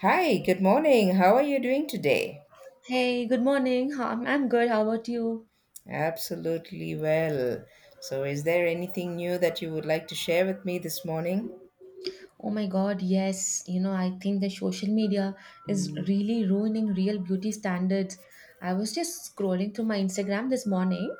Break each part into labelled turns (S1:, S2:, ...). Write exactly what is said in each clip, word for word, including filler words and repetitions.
S1: Hi, good morning. How are you doing today?
S2: Hey, good morning. How- I'm, I'm good. How about you?
S1: Absolutely well. So, is there anything new that you would like to share with me this morning?
S2: Oh my God, yes. You know, I think the social media is Mm. really ruining real beauty standards. I was just scrolling through my Instagram this morning,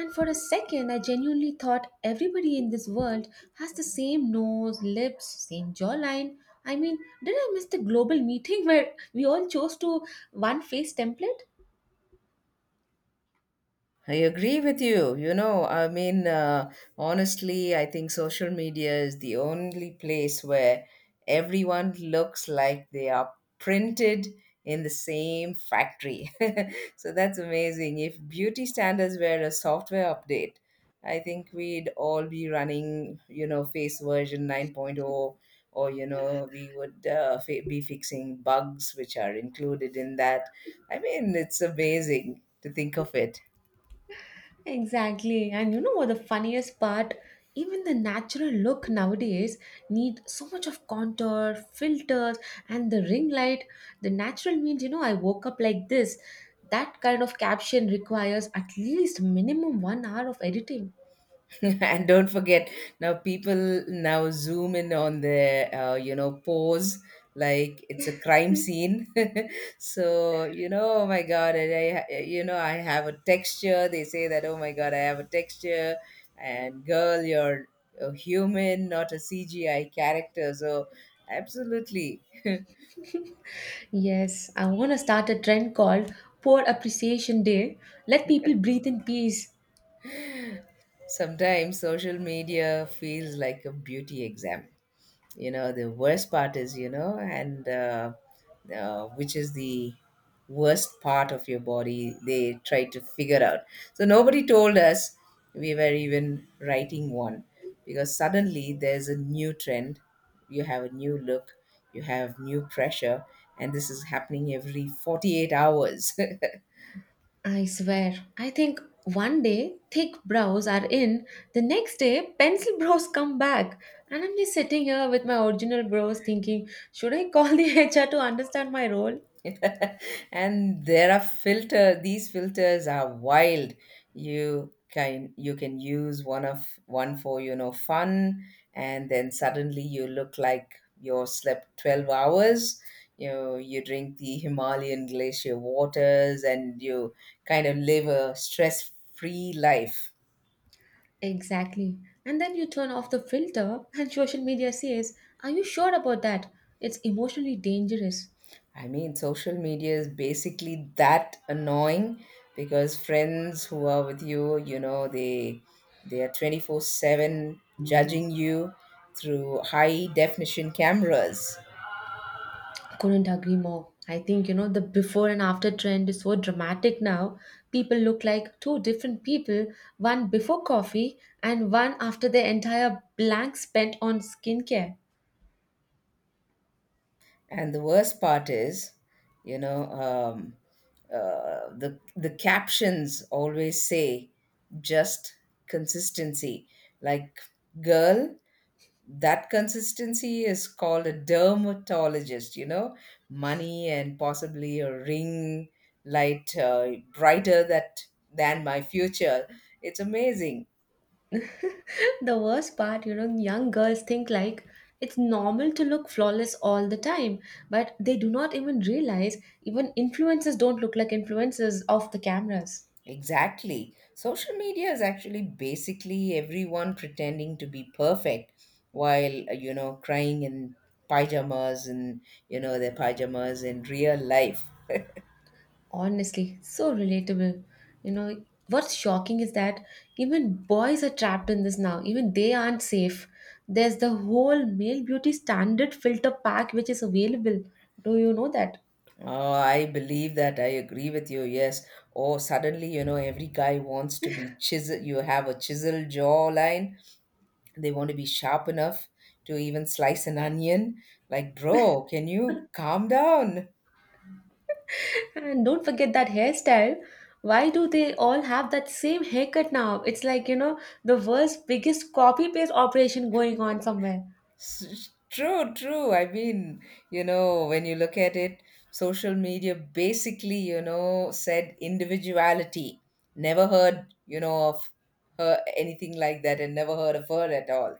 S2: and for a second, I genuinely thought everybody in this world has the same nose, lips, same jawline. I mean, did I miss the global meeting where we all chose to one face template?
S1: I agree with you. You know, I mean, uh, honestly, I think social media is the only place where everyone looks like they are printed in the same factory. So that's amazing. If beauty standards were a software update, I think we'd all be running, you know, face version 9.0, point oh, or, you know, we would uh, fi- be fixing bugs which are included in that. I mean, it's amazing to think of it.
S2: Exactly. And you know what the funniest part? Even the natural look nowadays need so much of contour, filters, and the ring light. The natural means, you know, I woke up like this. That kind of caption requires at least minimum one hour of editing.
S1: And don't forget now people now zoom in on the uh, you know pose like it's a crime scene. So, you know, oh my god. And I, I- you know i have a texture. They say that, oh my god, I have a texture. And girl, you're a human, not a CGI character. So absolutely.
S2: Yes, I want to start a trend called Poor Appreciation Day. Let people breathe in peace.
S1: Sometimes social media feels like a beauty exam. You know, the worst part is, you know and uh, uh, which is the worst part of your body they try to figure out. So nobody told us we were even writing one, because suddenly there's a new trend, you have a new look, you have new pressure, and this is happening every forty-eight hours.
S2: I swear, I think one day thick brows are in, the next day pencil brows come back. And I'm just sitting here with my original brows thinking, should I call the H R to understand my role?
S1: And there are filter these filters are wild. You can you can use one of one for, you know, fun, and then suddenly you look like you slept twelve hours, you you drink the Himalayan glacier waters, and you kind of live a stress free life.
S2: Exactly. And then you turn off the filter and social media says, are you sure about that? It's emotionally dangerous.
S1: I mean, social media is basically that annoying, because friends who are with you, you know, they they are twenty-four seven judging you through high definition cameras.
S2: Couldn't agree more. I think you know the before and after trend is so dramatic now. People look like two different people, one before coffee and one after their entire blank spent on skincare.
S1: And the worst part is, you know, um, uh, the the captions always say just consistency. Like, girl, that consistency is called a dermatologist, you know, money, and possibly a ring light uh, brighter that than my future. It's amazing.
S2: The worst part, you know, young girls think like it's normal to look flawless all the time, but they do not even realize even influencers don't look like influencers off the cameras.
S1: Exactly. Social media is actually basically everyone pretending to be perfect while, uh, you know, crying in pajamas and, you know, their pajamas in real life.
S2: Honestly, so relatable. You know, what's shocking is that even boys are trapped in this now. Even they aren't safe. There's the whole male beauty standard filter pack which is available. Do you know that?
S1: Oh, I believe that. I agree with you. Yes. Oh, suddenly, you know, every guy wants to be chisel. You have a chisel jawline. They want to be sharp enough to even slice an onion. Like, bro, can you calm down?
S2: And don't forget that hairstyle. Why do they all have that same haircut now? It's like, you know, the world's biggest copy paste operation going on somewhere.
S1: S- True, true. I mean, you know, when you look at it, social media basically, you know, said individuality. Never heard, you know, of her, anything like that, and never heard of her at all.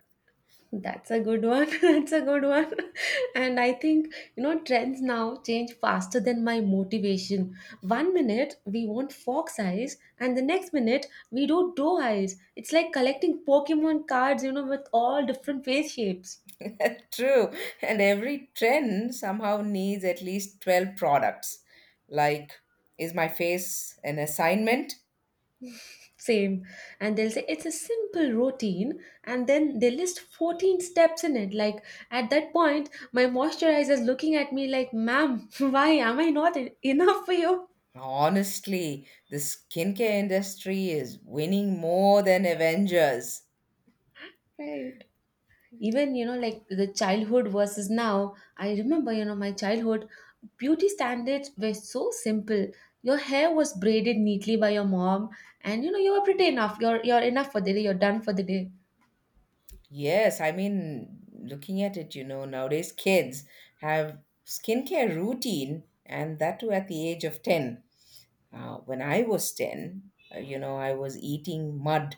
S2: That's a good one. That's a good one. And I think, you know, trends now change faster than my motivation. One minute we want fox eyes, and the next minute we do doe eyes. It's like collecting Pokemon cards, you know, with all different face shapes.
S1: True. And every trend somehow needs at least twelve products. Like, is my face an assignment?
S2: Same. And they'll say it's a simple routine, and then they list fourteen steps in it. Like at that point, my moisturizer is looking at me like, ma'am, why am I not en- enough for you?
S1: Honestly, the skincare industry is winning more than Avengers.
S2: Right. Even you know, like, the childhood versus now, I remember, you know, my childhood beauty standards were so simple. Your hair was braided neatly by your mom, and you know, you were pretty enough, you're you're enough for the day, you're done for the day.
S1: Yes, I mean, looking at it, you know, nowadays kids have skincare routine, and that too at the age of ten. Uh, when I was ten, uh, you know, I was eating mud,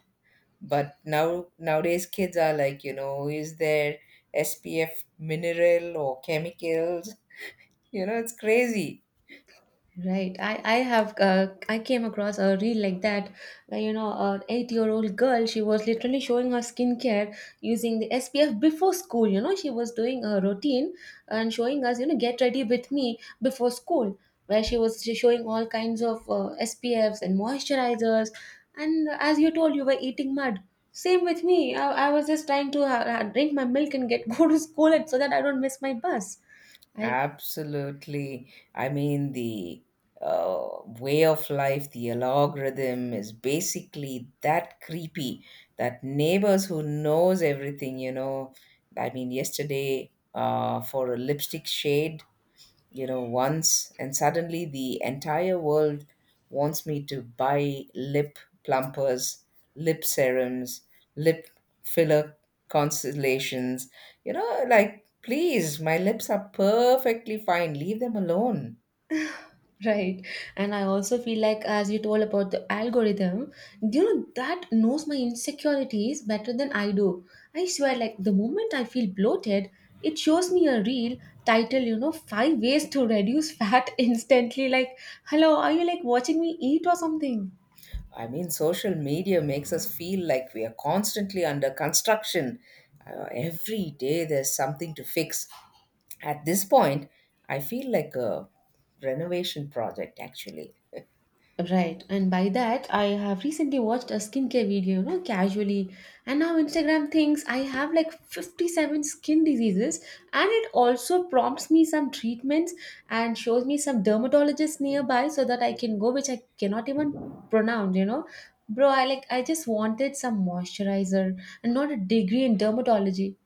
S1: but now nowadays kids are like, you know, is there SPF mineral or chemicals? You know, it's crazy.
S2: Right. I, I have, uh, I came across a reel like that where, you know, an eight year old girl, she was literally showing her skincare using the S P F before school. You know, she was doing a routine and showing us, you know, get ready with me before school, where she was sh- showing all kinds of uh, S P Fs and moisturizers. And as you told, you were eating mud. Same with me. I, I was just trying to ha- drink my milk and get go to school, and so that I don't miss my bus. I
S1: Absolutely. I mean, the uh, way of life, the algorithm is basically that creepy, that neighbors who knows everything, you know. I mean, yesterday, uh, for a lipstick shade, you know, once, and suddenly the entire world wants me to buy lip plumpers, lip serums, lip filler constellations. You know, like, please, my lips are perfectly fine. Leave them alone.
S2: right. And I also feel like, as you told about the algorithm, do you know, that knows my insecurities better than I do. I swear, like, the moment I feel bloated, it shows me a reel title, you know, five ways to reduce fat instantly. Like, hello, are you like watching me eat or something?
S1: I mean, social media makes us feel like we are constantly under construction. Uh, every day there's something to fix. At this point, I feel like a renovation project, actually.
S2: Right, and by that, I have recently watched a skincare video, you know, casually, and now Instagram thinks I have like fifty-seven skin diseases, and it also prompts me some treatments and shows me some dermatologists nearby so that I can go, which I cannot even pronounce, you know. Bro, I like, I just wanted some moisturizer and not a degree in dermatology.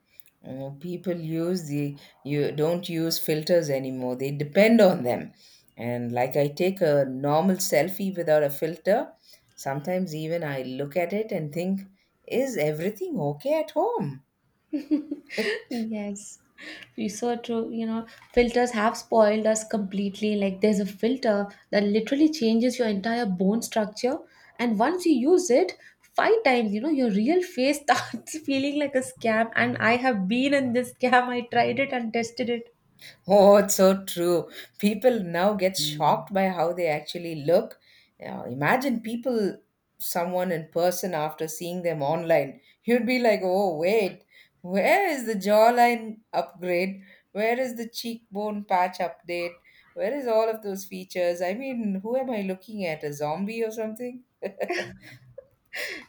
S1: Uh, people use the you don't use filters anymore, they depend on them. And like, I take a normal selfie without a filter, sometimes even I look at it and think, is everything okay at home?
S2: Yes, you are so true. You know, filters have spoiled us completely. Like, there's a filter that literally changes your entire bone structure, and once you use it five times, you know, your real face starts feeling like a scam. And I have been in this scam, I tried it and tested it.
S1: Oh, it's so true. People now get shocked by how they actually look. Now, imagine people, someone in person after seeing them online. You'd be like, oh, wait, where is the jawline upgrade? Where is the cheekbone patch update? Where is all of those features? I mean, who am I looking at? A zombie or something?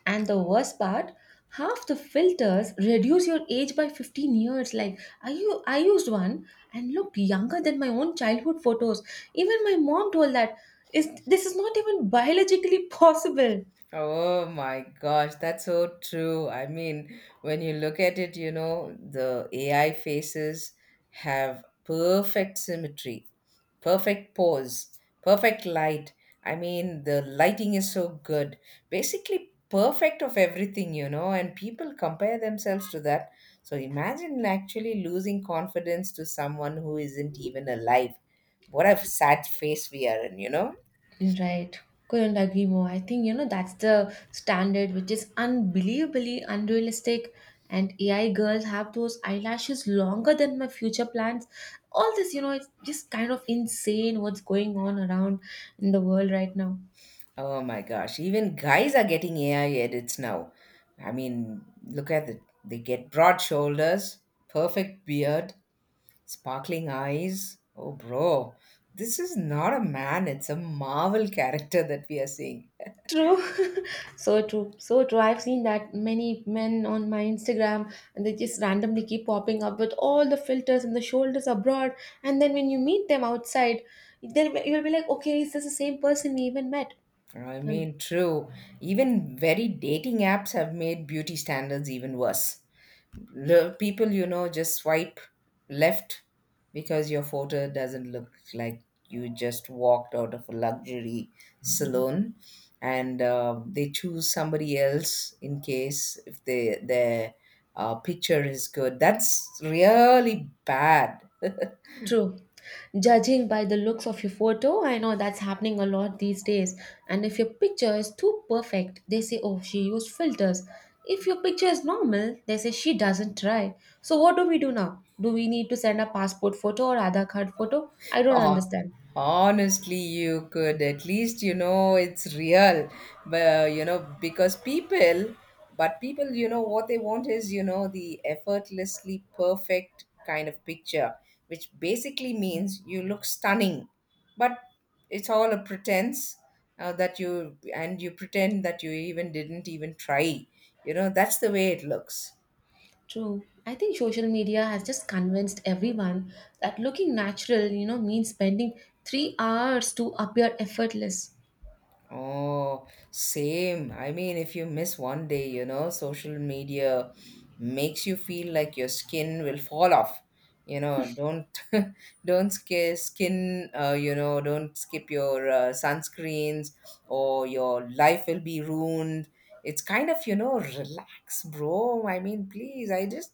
S2: And the worst part, half the filters reduce your age by fifteen years. Like I, u- I used one and looked younger than my own childhood photos. Even my mom told that is this is not even biologically possible.
S1: Oh my gosh, that's so true. I mean, when you look at it, you know, the A I faces have perfect symmetry, perfect pose, perfect light. I mean, the lighting is so good. Basically, perfect of everything, you know, and people compare themselves to that. So imagine actually losing confidence to someone who isn't even alive. What a sad face we are in, you know?
S2: Right. Couldn't agree more. I think, you know, that's the standard which is unbelievably unrealistic. And A I girls have those eyelashes longer than my future plans. All this, you know, it's just kind of insane what's going on around in the world right now.
S1: Oh my gosh, even guys are getting A I edits now. I mean, look at it. They get broad shoulders, perfect beard, sparkling eyes. Oh, bro, this is not a man, it's a Marvel character that we are seeing.
S2: True, so true, so true. I've seen that many men on my Instagram, and they just randomly keep popping up with all the filters and the shoulders abroad. And then when you meet them outside, then you'll be like, okay, is this the same person we even met?
S1: I
S2: And
S1: mean, true. Even very dating apps have made beauty standards even worse. Lo- People, you know, just swipe left because your photo doesn't look like you just walked out of a luxury salon, and uh, they choose somebody else in case if they, their uh, picture is good. That's really bad.
S2: true. Judging by the looks of your photo, I know that's happening a lot these days. And if your picture is too perfect, they say, oh, she used filters. If your picture is normal, they say she doesn't try. So what do we do now? Do we need to send a passport photo or Aadhaar card photo? I don't
S1: Oh,
S2: understand.
S1: honestly, you could at least, you know, it's real, but, uh, you know because people, but people, you know what they want is, you know, the effortlessly perfect kind of picture, which basically means you look stunning, but it's all a pretense uh, that you and you pretend that you even didn't even try. You know, that's the way it looks.
S2: True. I think social media has just convinced everyone that looking natural, you know, means spending three hours to appear effortless.
S1: Oh, same. I mean, if you miss one day, you know, social media makes you feel like your skin will fall off. You know, don't don't skip skin. Uh, you know, don't skip your uh, sunscreens, or your life will be ruined. It's kind of, you know, relax, bro. I mean, please. I just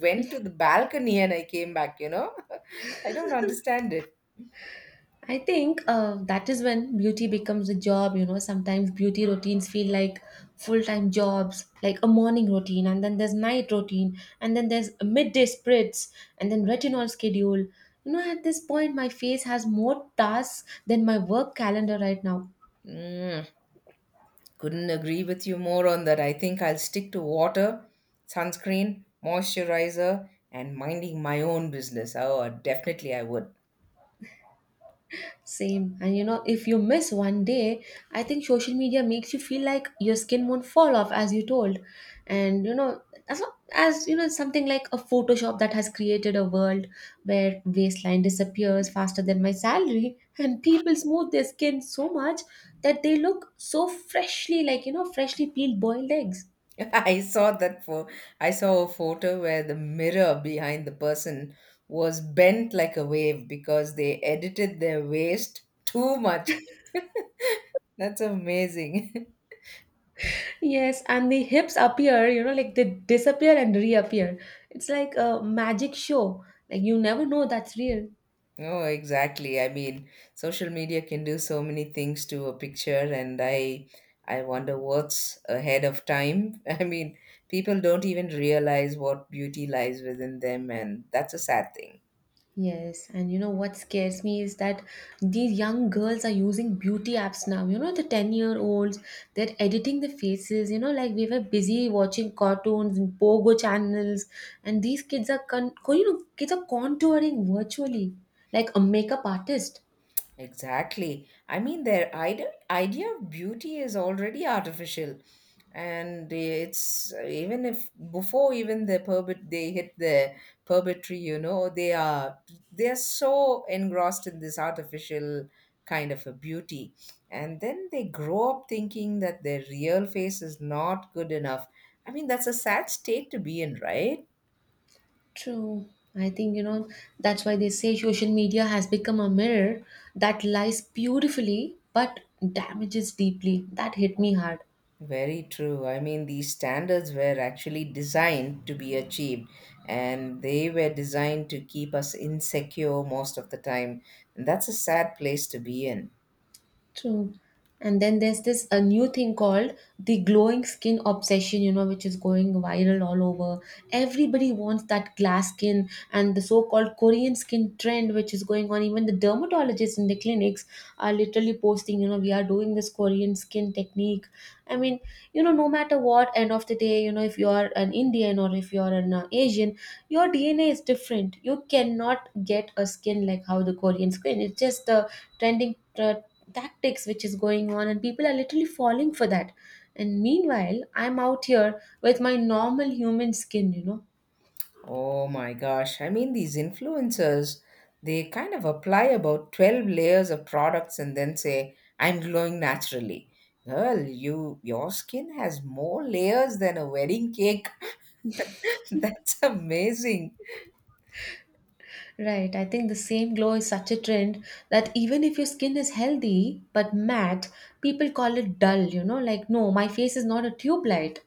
S1: went to the balcony and I came back. You know, I don't understand it.
S2: I think uh, that is when beauty becomes a job. You know, sometimes beauty routines feel like full time jobs, like a morning routine, and then there's night routine, and then there's midday spritz, and then retinol schedule. You know, at this point, my face has more tasks than my work calendar right now.
S1: Mm. Couldn't agree with you more on that. I think I'll stick to water, sunscreen, moisturizer, and minding my own business. Oh, definitely I would.
S2: Same. And you know, if you miss one day, I think social media makes you feel like your skin won't fall off, as you told. And you know, as, lo- as you know, something like a Photoshop that has created a world where waistline disappears faster than my salary, and people smooth their skin so much that they look so freshly, like you know, freshly peeled boiled eggs.
S1: I saw that for I saw a photo where the mirror behind the person was bent like a wave because they edited their waist too much. That's amazing.
S2: Yes, and the hips appear, you know, like they disappear and reappear. It's like a magic show. Like you never know that's real.
S1: Oh, exactly. I mean, social media can do so many things to a picture, and I I wonder what's ahead of time. I mean, people don't even realize what beauty lies within them, and that's a sad thing.
S2: Yes, and you know what scares me is that these young girls are using beauty apps now. You know, the ten year olds, they're editing the faces. You know, like we were busy watching cartoons and pogo channels, and these kids are, con- co- you know, kids are contouring virtually like a makeup artist.
S1: Exactly. I mean, their idea, idea of beauty is already artificial. And it's, even if before even the puberty, they hit the puberty, you know, they are they are so engrossed in this artificial kind of a beauty. And then they grow up thinking that their real face is not good enough. I mean, that's a sad state to be in, right?
S2: True. I think, you know, that's why they say social media has become a mirror that lies beautifully but damages deeply. That hit me hard.
S1: Very true. I mean, these standards were actually designed to be achieved, and they were designed to keep us insecure most of the time. And that's a sad place to be in.
S2: True. And then there's this a new thing called the glowing skin obsession, you know, which is going viral all over. Everybody wants that glass skin and the so-called Korean skin trend, which is going on. Even the dermatologists in the clinics are literally posting, you know, we are doing this Korean skin technique. I mean, you know, no matter what, end of the day, you know, if you are an Indian or if you are an uh, Asian, your D N A is different. You cannot get a skin like how the Korean skin, it's just the trending uh, tactics which is going on, and people are literally falling for that. And meanwhile I'm out here with my normal human skin, you know.
S1: Oh my gosh. I mean, these influencers, they kind of apply about twelve layers of products and then say, I'm glowing naturally. Girl, you your skin has more layers than a wedding cake. That's amazing.
S2: Right. I think the same glow is such a trend that even if your skin is healthy but matte, people call it dull, you know, like no, my face is not a tube light.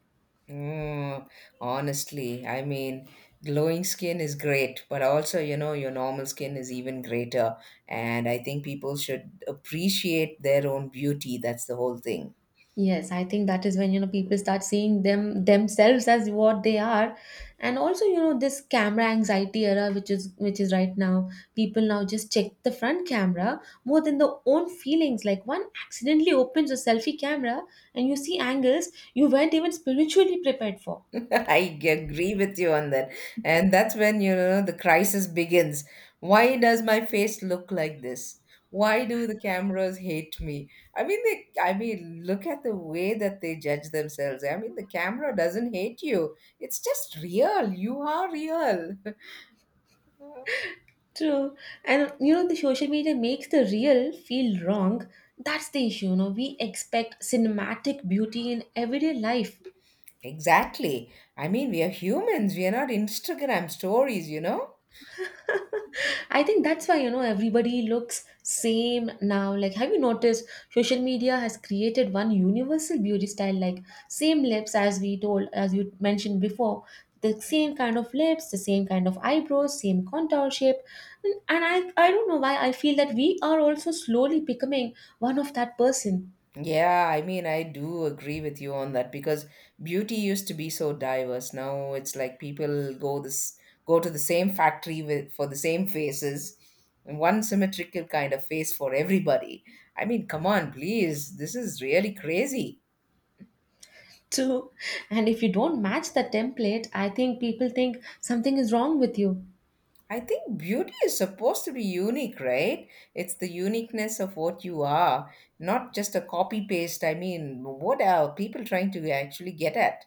S1: Mm, honestly, I mean, glowing skin is great, but also, you know, your normal skin is even greater. And I think people should appreciate their own beauty. That's the whole thing.
S2: Yes, I think that is when you know people start seeing them themselves as what they are, and also you know this camera anxiety era, which is which is right now. People now just check the front camera more than their own feelings. Like one accidentally opens a selfie camera and you see angles you weren't even spiritually prepared for.
S1: I g- agree with you on that. And that's when, you know, the crisis begins. Why does my face look like this? Why do the cameras hate me? I mean, they, I mean, look at the way that they judge themselves. I mean, the camera doesn't hate you. It's just real. You are real.
S2: True, and you know the social media makes the real feel wrong. That's the issue. You know we expect cinematic beauty in everyday life.
S1: Exactly. I mean, we are humans. We are not Instagram stories, you know?
S2: I think that's why you know everybody looks same now. Like, have you noticed social media has created one universal beauty style, like same lips, as we told, as you mentioned before, the same kind of lips, the same kind of eyebrows, same contour shape, and, and I I don't know why I feel that we are also slowly becoming one of that person.
S1: Yeah, I mean, I do agree with you on that, because beauty used to be so diverse. Now it's like people go this go to the same factory with for the same faces, and one symmetrical kind of face for everybody. I mean, come on, please. This is really crazy.
S2: Too. And if you don't match the template, I think people think something is wrong with you.
S1: I think beauty is supposed to be unique, right? It's the uniqueness of what you are, not just a copy paste. I mean, what are people trying to actually get at?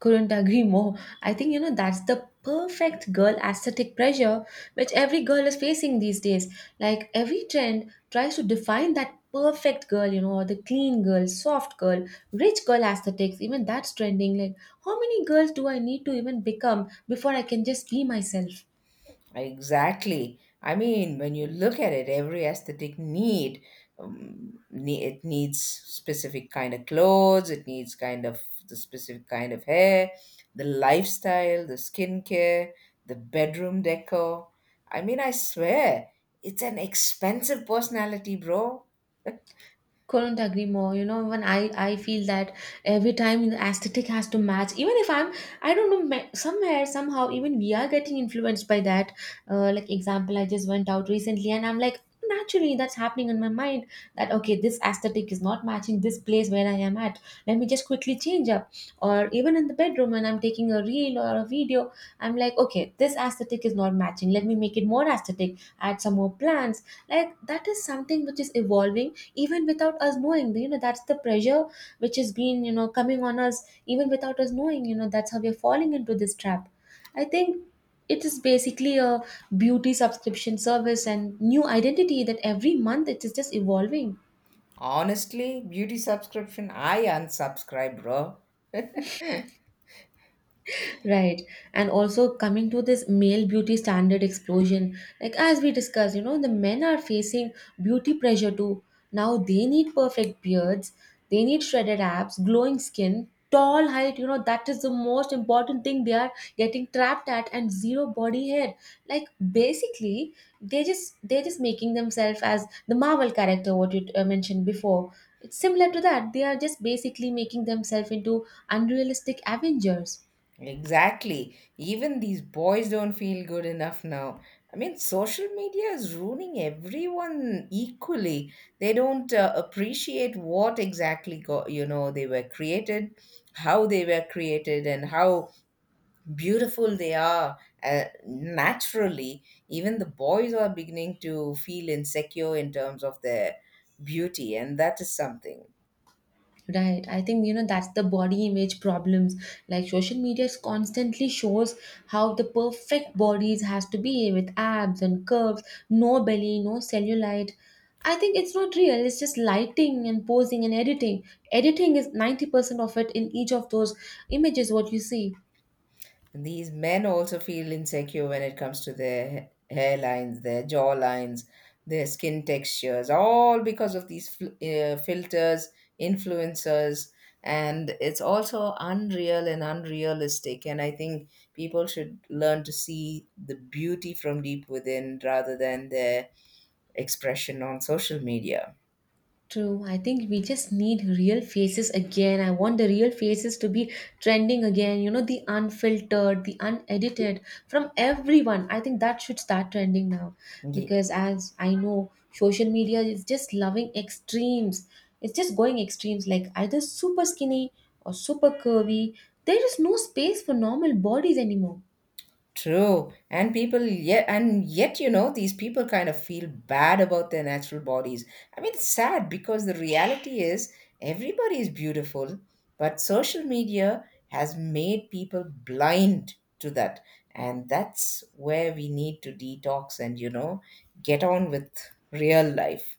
S2: Couldn't agree more. I think, you know that's the perfect girl aesthetic pressure which every girl is facing these days. Like, every trend tries to define that perfect girl, you know, or the clean girl, soft girl, rich girl aesthetics, even that's trending. Like, how many girls do I need to even become before I can just be myself?
S1: Exactly. I mean, when you look at it, every aesthetic need, um, ne- it needs specific kind of clothes, it needs kind of the specific kind of hair, the lifestyle, the skincare, the bedroom decor. I mean, I swear, it's an expensive personality, bro.
S2: Couldn't agree more. You know, even i i feel that every time the aesthetic has to match, even if i'm i don't know, ma- somewhere somehow even we are getting influenced by that. Uh, like, example, I just went out recently and I'm like, naturally that's happening in my mind that okay, this aesthetic is not matching this place where I am at, let me just quickly change up. Or even in the bedroom when I'm taking a reel or a video, I'm like okay, this aesthetic is not matching, let me make it more aesthetic, add some more plants. Like, that is something which is evolving even without us knowing. You know, that's the pressure which has been, you know, coming on us even without us knowing. You know, that's how we're falling into this trap. I think it is basically a beauty subscription service and new identity that every month it is just evolving.
S1: Honestly, beauty subscription, I unsubscribe, bro.
S2: Right. And also coming to this male beauty standard explosion, like as we discussed, you know, the men are facing beauty pressure too. Now they need perfect beards, they need shredded abs, glowing skin, tall height, you know, that is the most important thing they are getting trapped at, and zero body hair. Like, basically, they just they're just making themselves as the Marvel character what you uh, mentioned before. It's similar to that. They are just basically making themselves into unrealistic Avengers.
S1: Exactly. Even these boys don't feel good enough now. I mean, social media is ruining everyone equally. They don't uh, appreciate what exactly go, you know, they were created, how they were created, and how beautiful they are uh, naturally. Even the boys are beginning to feel insecure in terms of their beauty, and that is something.
S2: Right. I think, you know, that's the body image problems. Like, social media is constantly shows how the perfect bodies has to be, with abs and curves, no belly, no cellulite. I think it's not real. It's just lighting and posing and editing. Editing is ninety percent of it in each of those images what you see.
S1: These men also feel insecure when it comes to their ha- hairlines, their jawlines, their skin textures, all because of these fl- uh, filters, influencers, and it's also unreal and unrealistic. And I think people should learn to see the beauty from deep within rather than their expression on social media.
S2: True. I think we just need real faces again. I want the real faces to be trending again. You know, the unfiltered, the unedited, from everyone. I think that should start trending now because, as I know, social media is just loving extremes. It's just going extremes, like either super skinny or super curvy. There is no space for normal bodies anymore.
S1: True. And people yet and yet you know these people kind of feel bad about their natural bodies. I mean, it's sad because the reality is everybody is beautiful, but social media has made people blind to that. And that's where we need to detox and you know get on with real life.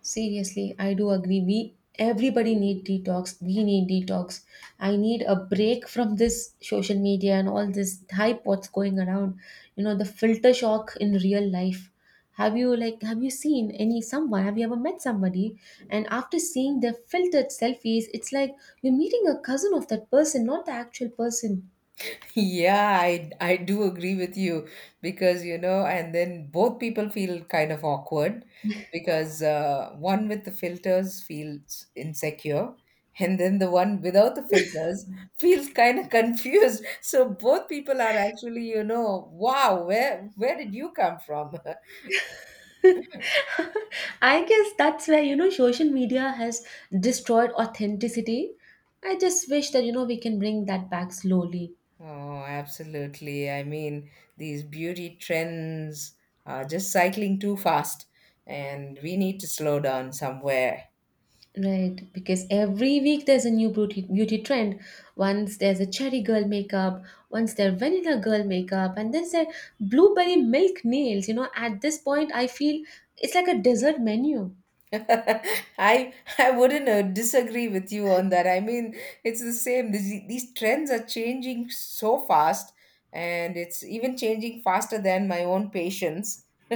S2: Seriously, I do agree. We Everybody need detox. We need detox. I need a break from this social media and all this hype what's going around. You know, the filter shock in real life. Have you like have you seen any someone? Have you ever met somebody? And after seeing their filtered selfies, it's like you're meeting a cousin of that person, not the actual person.
S1: Yeah, I I do agree with you because, you know, and then both people feel kind of awkward because uh, one with the filters feels insecure, and then the one without the filters feels kind of confused. So both people are actually, you know, wow, where where did you come from?
S2: I guess that's where, you know, social media has destroyed authenticity. I just wish that, you know, we can bring that back slowly.
S1: Oh, absolutely. I mean, these beauty trends are just cycling too fast, and we need to slow down somewhere.
S2: Right, because every week there's a new beauty beauty trend. Once there's a cherry girl makeup, once there's vanilla girl makeup, and then there's blueberry milk nails. You know, at this point, I feel it's like a dessert menu.
S1: I I wouldn't uh, disagree with you on that. I mean, it's the same. These, these trends are changing so fast, and it's even changing faster than my own patience.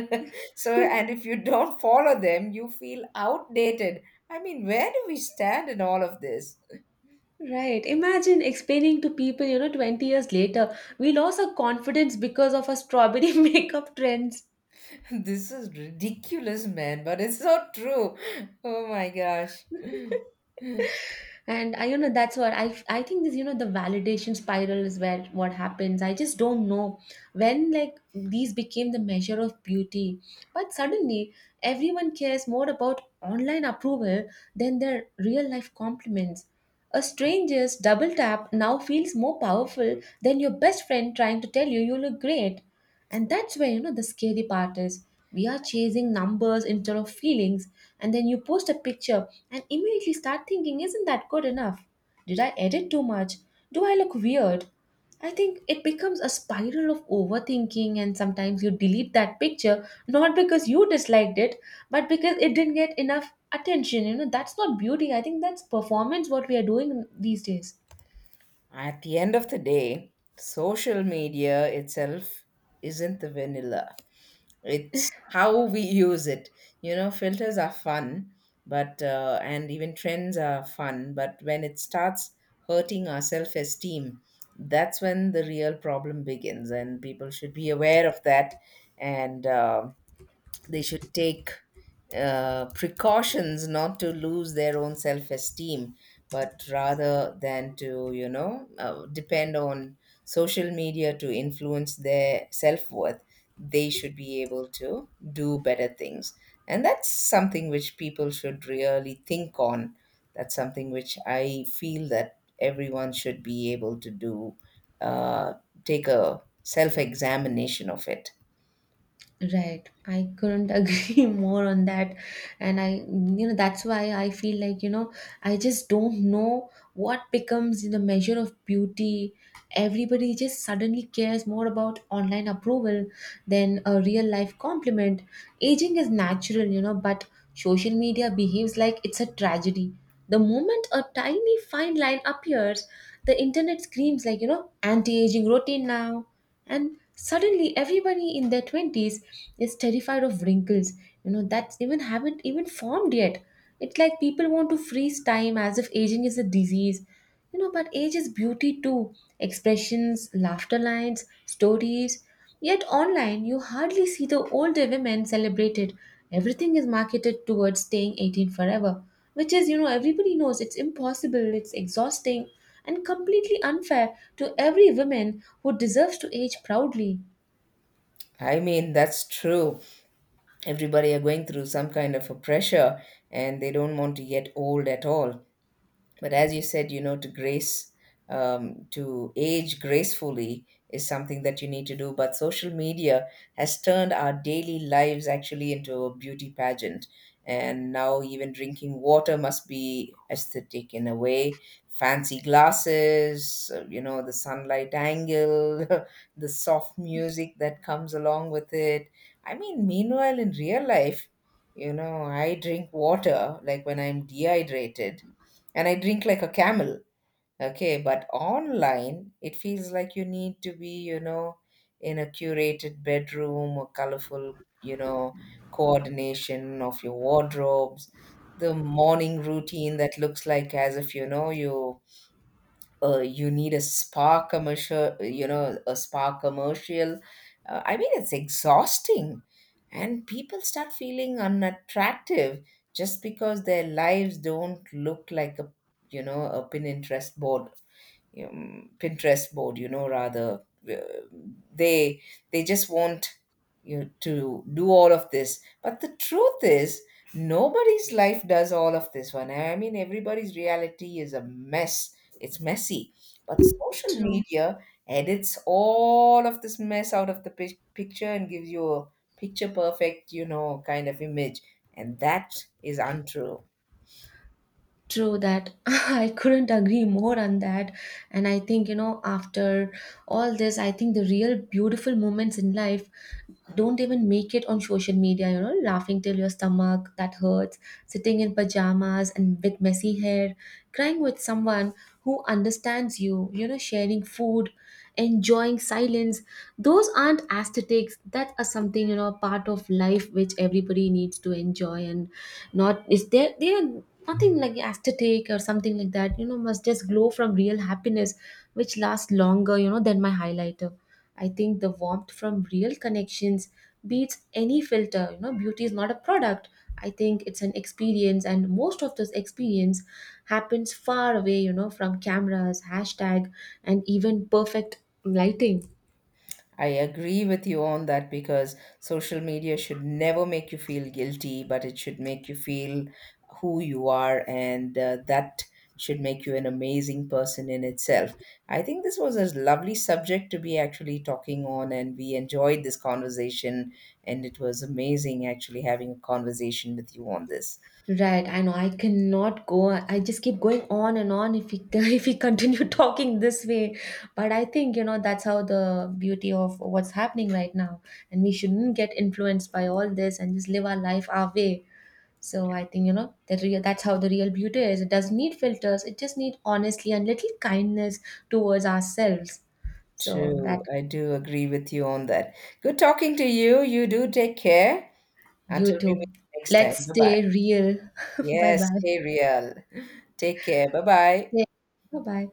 S1: So, and if you don't follow them, you feel outdated. I mean, where do we stand in all of this?
S2: Right. Imagine explaining to people, you know, twenty years later, we lost our confidence because of our strawberry makeup trends.
S1: This is ridiculous, man, but it's so true. Oh my gosh.
S2: And i you know that's what i I think this, you know, the validation spiral is where what happens. I just don't know when like these became the measure of beauty, but suddenly everyone cares more about online approval than their real life compliments. A stranger's double tap now feels more powerful than your best friend trying to tell you you look great. And that's where, you know, the scary part is, we are chasing numbers instead of feelings. And then you post a picture and immediately start thinking, isn't that good enough? Did I edit too much? Do I look weird? I think it becomes a spiral of overthinking, and sometimes you delete that picture not because you disliked it, but because it didn't get enough attention. You know, that's not beauty. I think that's performance what we are doing these days.
S1: At the end of the day, social media itself isn't the vanilla. It's how we use it. You know, filters are fun, but uh, and even trends are fun, but when it starts hurting our self-esteem, that's when the real problem begins, and people should be aware of that, and uh, they should take uh, precautions not to lose their own self-esteem but rather than to you know uh, depend on social media to influence their self-worth. They should be able to do better things, and that's something which people should really think on. That's something which I feel that everyone should be able to do, uh, take a self-examination of it.
S2: Right. I couldn't agree more on that. And I, you know, that's why I feel like, you know, I just don't know what becomes the measure of beauty. Everybody just suddenly cares more about online approval than a real life compliment. Aging is natural, you know, but social media behaves like it's a tragedy. The moment a tiny fine line appears, the internet screams like, you know, anti aging routine now, and suddenly everybody in their twenties is terrified of wrinkles, you know, that even haven't even formed yet. It's like people want to freeze time as if aging is a disease. You know, but age is beauty too. Expressions, laughter lines, stories. Yet online, you hardly see the older women celebrated. Everything is marketed towards staying eighteen forever, which is, you know, everybody knows it's impossible, it's exhausting, and completely unfair to every woman who deserves to age proudly.
S1: I mean, that's true. Everybody are going through some kind of a pressure, and they don't want to get old at all. But as you said, you know, to grace um, to age gracefully is something that you need to do. But social media has turned our daily lives actually into a beauty pageant, and now even drinking water must be aesthetic in a way. Fancy glasses, uh, you know, the sunlight angle, the soft music that comes along with it. I mean, meanwhile in real life, you know, I drink water like when I'm dehydrated, and I drink like a camel. Okay, but online, it feels like you need to be, you know, in a curated bedroom or colorful, you know, coordination of your wardrobes, the morning routine that looks like as if, you know, you uh, you need a spa commercial, you know a spa commercial uh, I mean it's exhausting, and people start feeling unattractive just because their lives don't look like a, you know, a Pinterest board. Um, Pinterest board, you know, rather uh, they they just want you to do all of this. But the truth is, nobody's life does all of this one. I mean, everybody's reality is a mess. It's messy. But social
S2: True.
S1: media edits all of this mess out of the pic- picture and gives you a picture perfect, you know, kind of image. And that is untrue.
S2: True that. I couldn't agree more on that. And I think, you know, after all this, I think the real beautiful moments in life don't even make it on social media, you know, laughing till your stomach that hurts, sitting in pajamas and with messy hair, crying with someone who understands you, you know, sharing food, enjoying silence. Those aren't aesthetics, that are something, you know, part of life which everybody needs to enjoy, and not is there they are nothing like aesthetic or something like that. You know, must just glow from real happiness which lasts longer, you know, than my highlighter. I think the warmth from real connections beats any filter. You know, beauty is not a product, I think it's an experience, and most of this experience happens far away, you know, from cameras, hashtag, and even perfect lighting.
S1: I agree with you on that, because social media should never make you feel guilty, but it should make you feel who you are, and uh, that should make you an amazing person in itself. I think this was a lovely subject to be actually talking on, and we enjoyed this conversation, and it was amazing actually having a conversation with you on this.
S2: Right, I know. I cannot go. I just keep going on and on if we if we continue talking this way. But I think, you know, that's how the beauty of what's happening right now, and we shouldn't get influenced by all this and just live our life our way. So I think, you know, that real, that's how the real beauty is. It doesn't need filters. It just needs honestly and little kindness towards ourselves. So that.
S1: True, I do agree with you on that. Good talking to you. You do take care.
S2: You
S1: Until we meet
S2: too.
S1: next time.
S2: Let's
S1: Bye bye.
S2: stay real. Bye
S1: Yes,
S2: bye.
S1: stay real. Take care. Bye bye.
S2: Bye bye.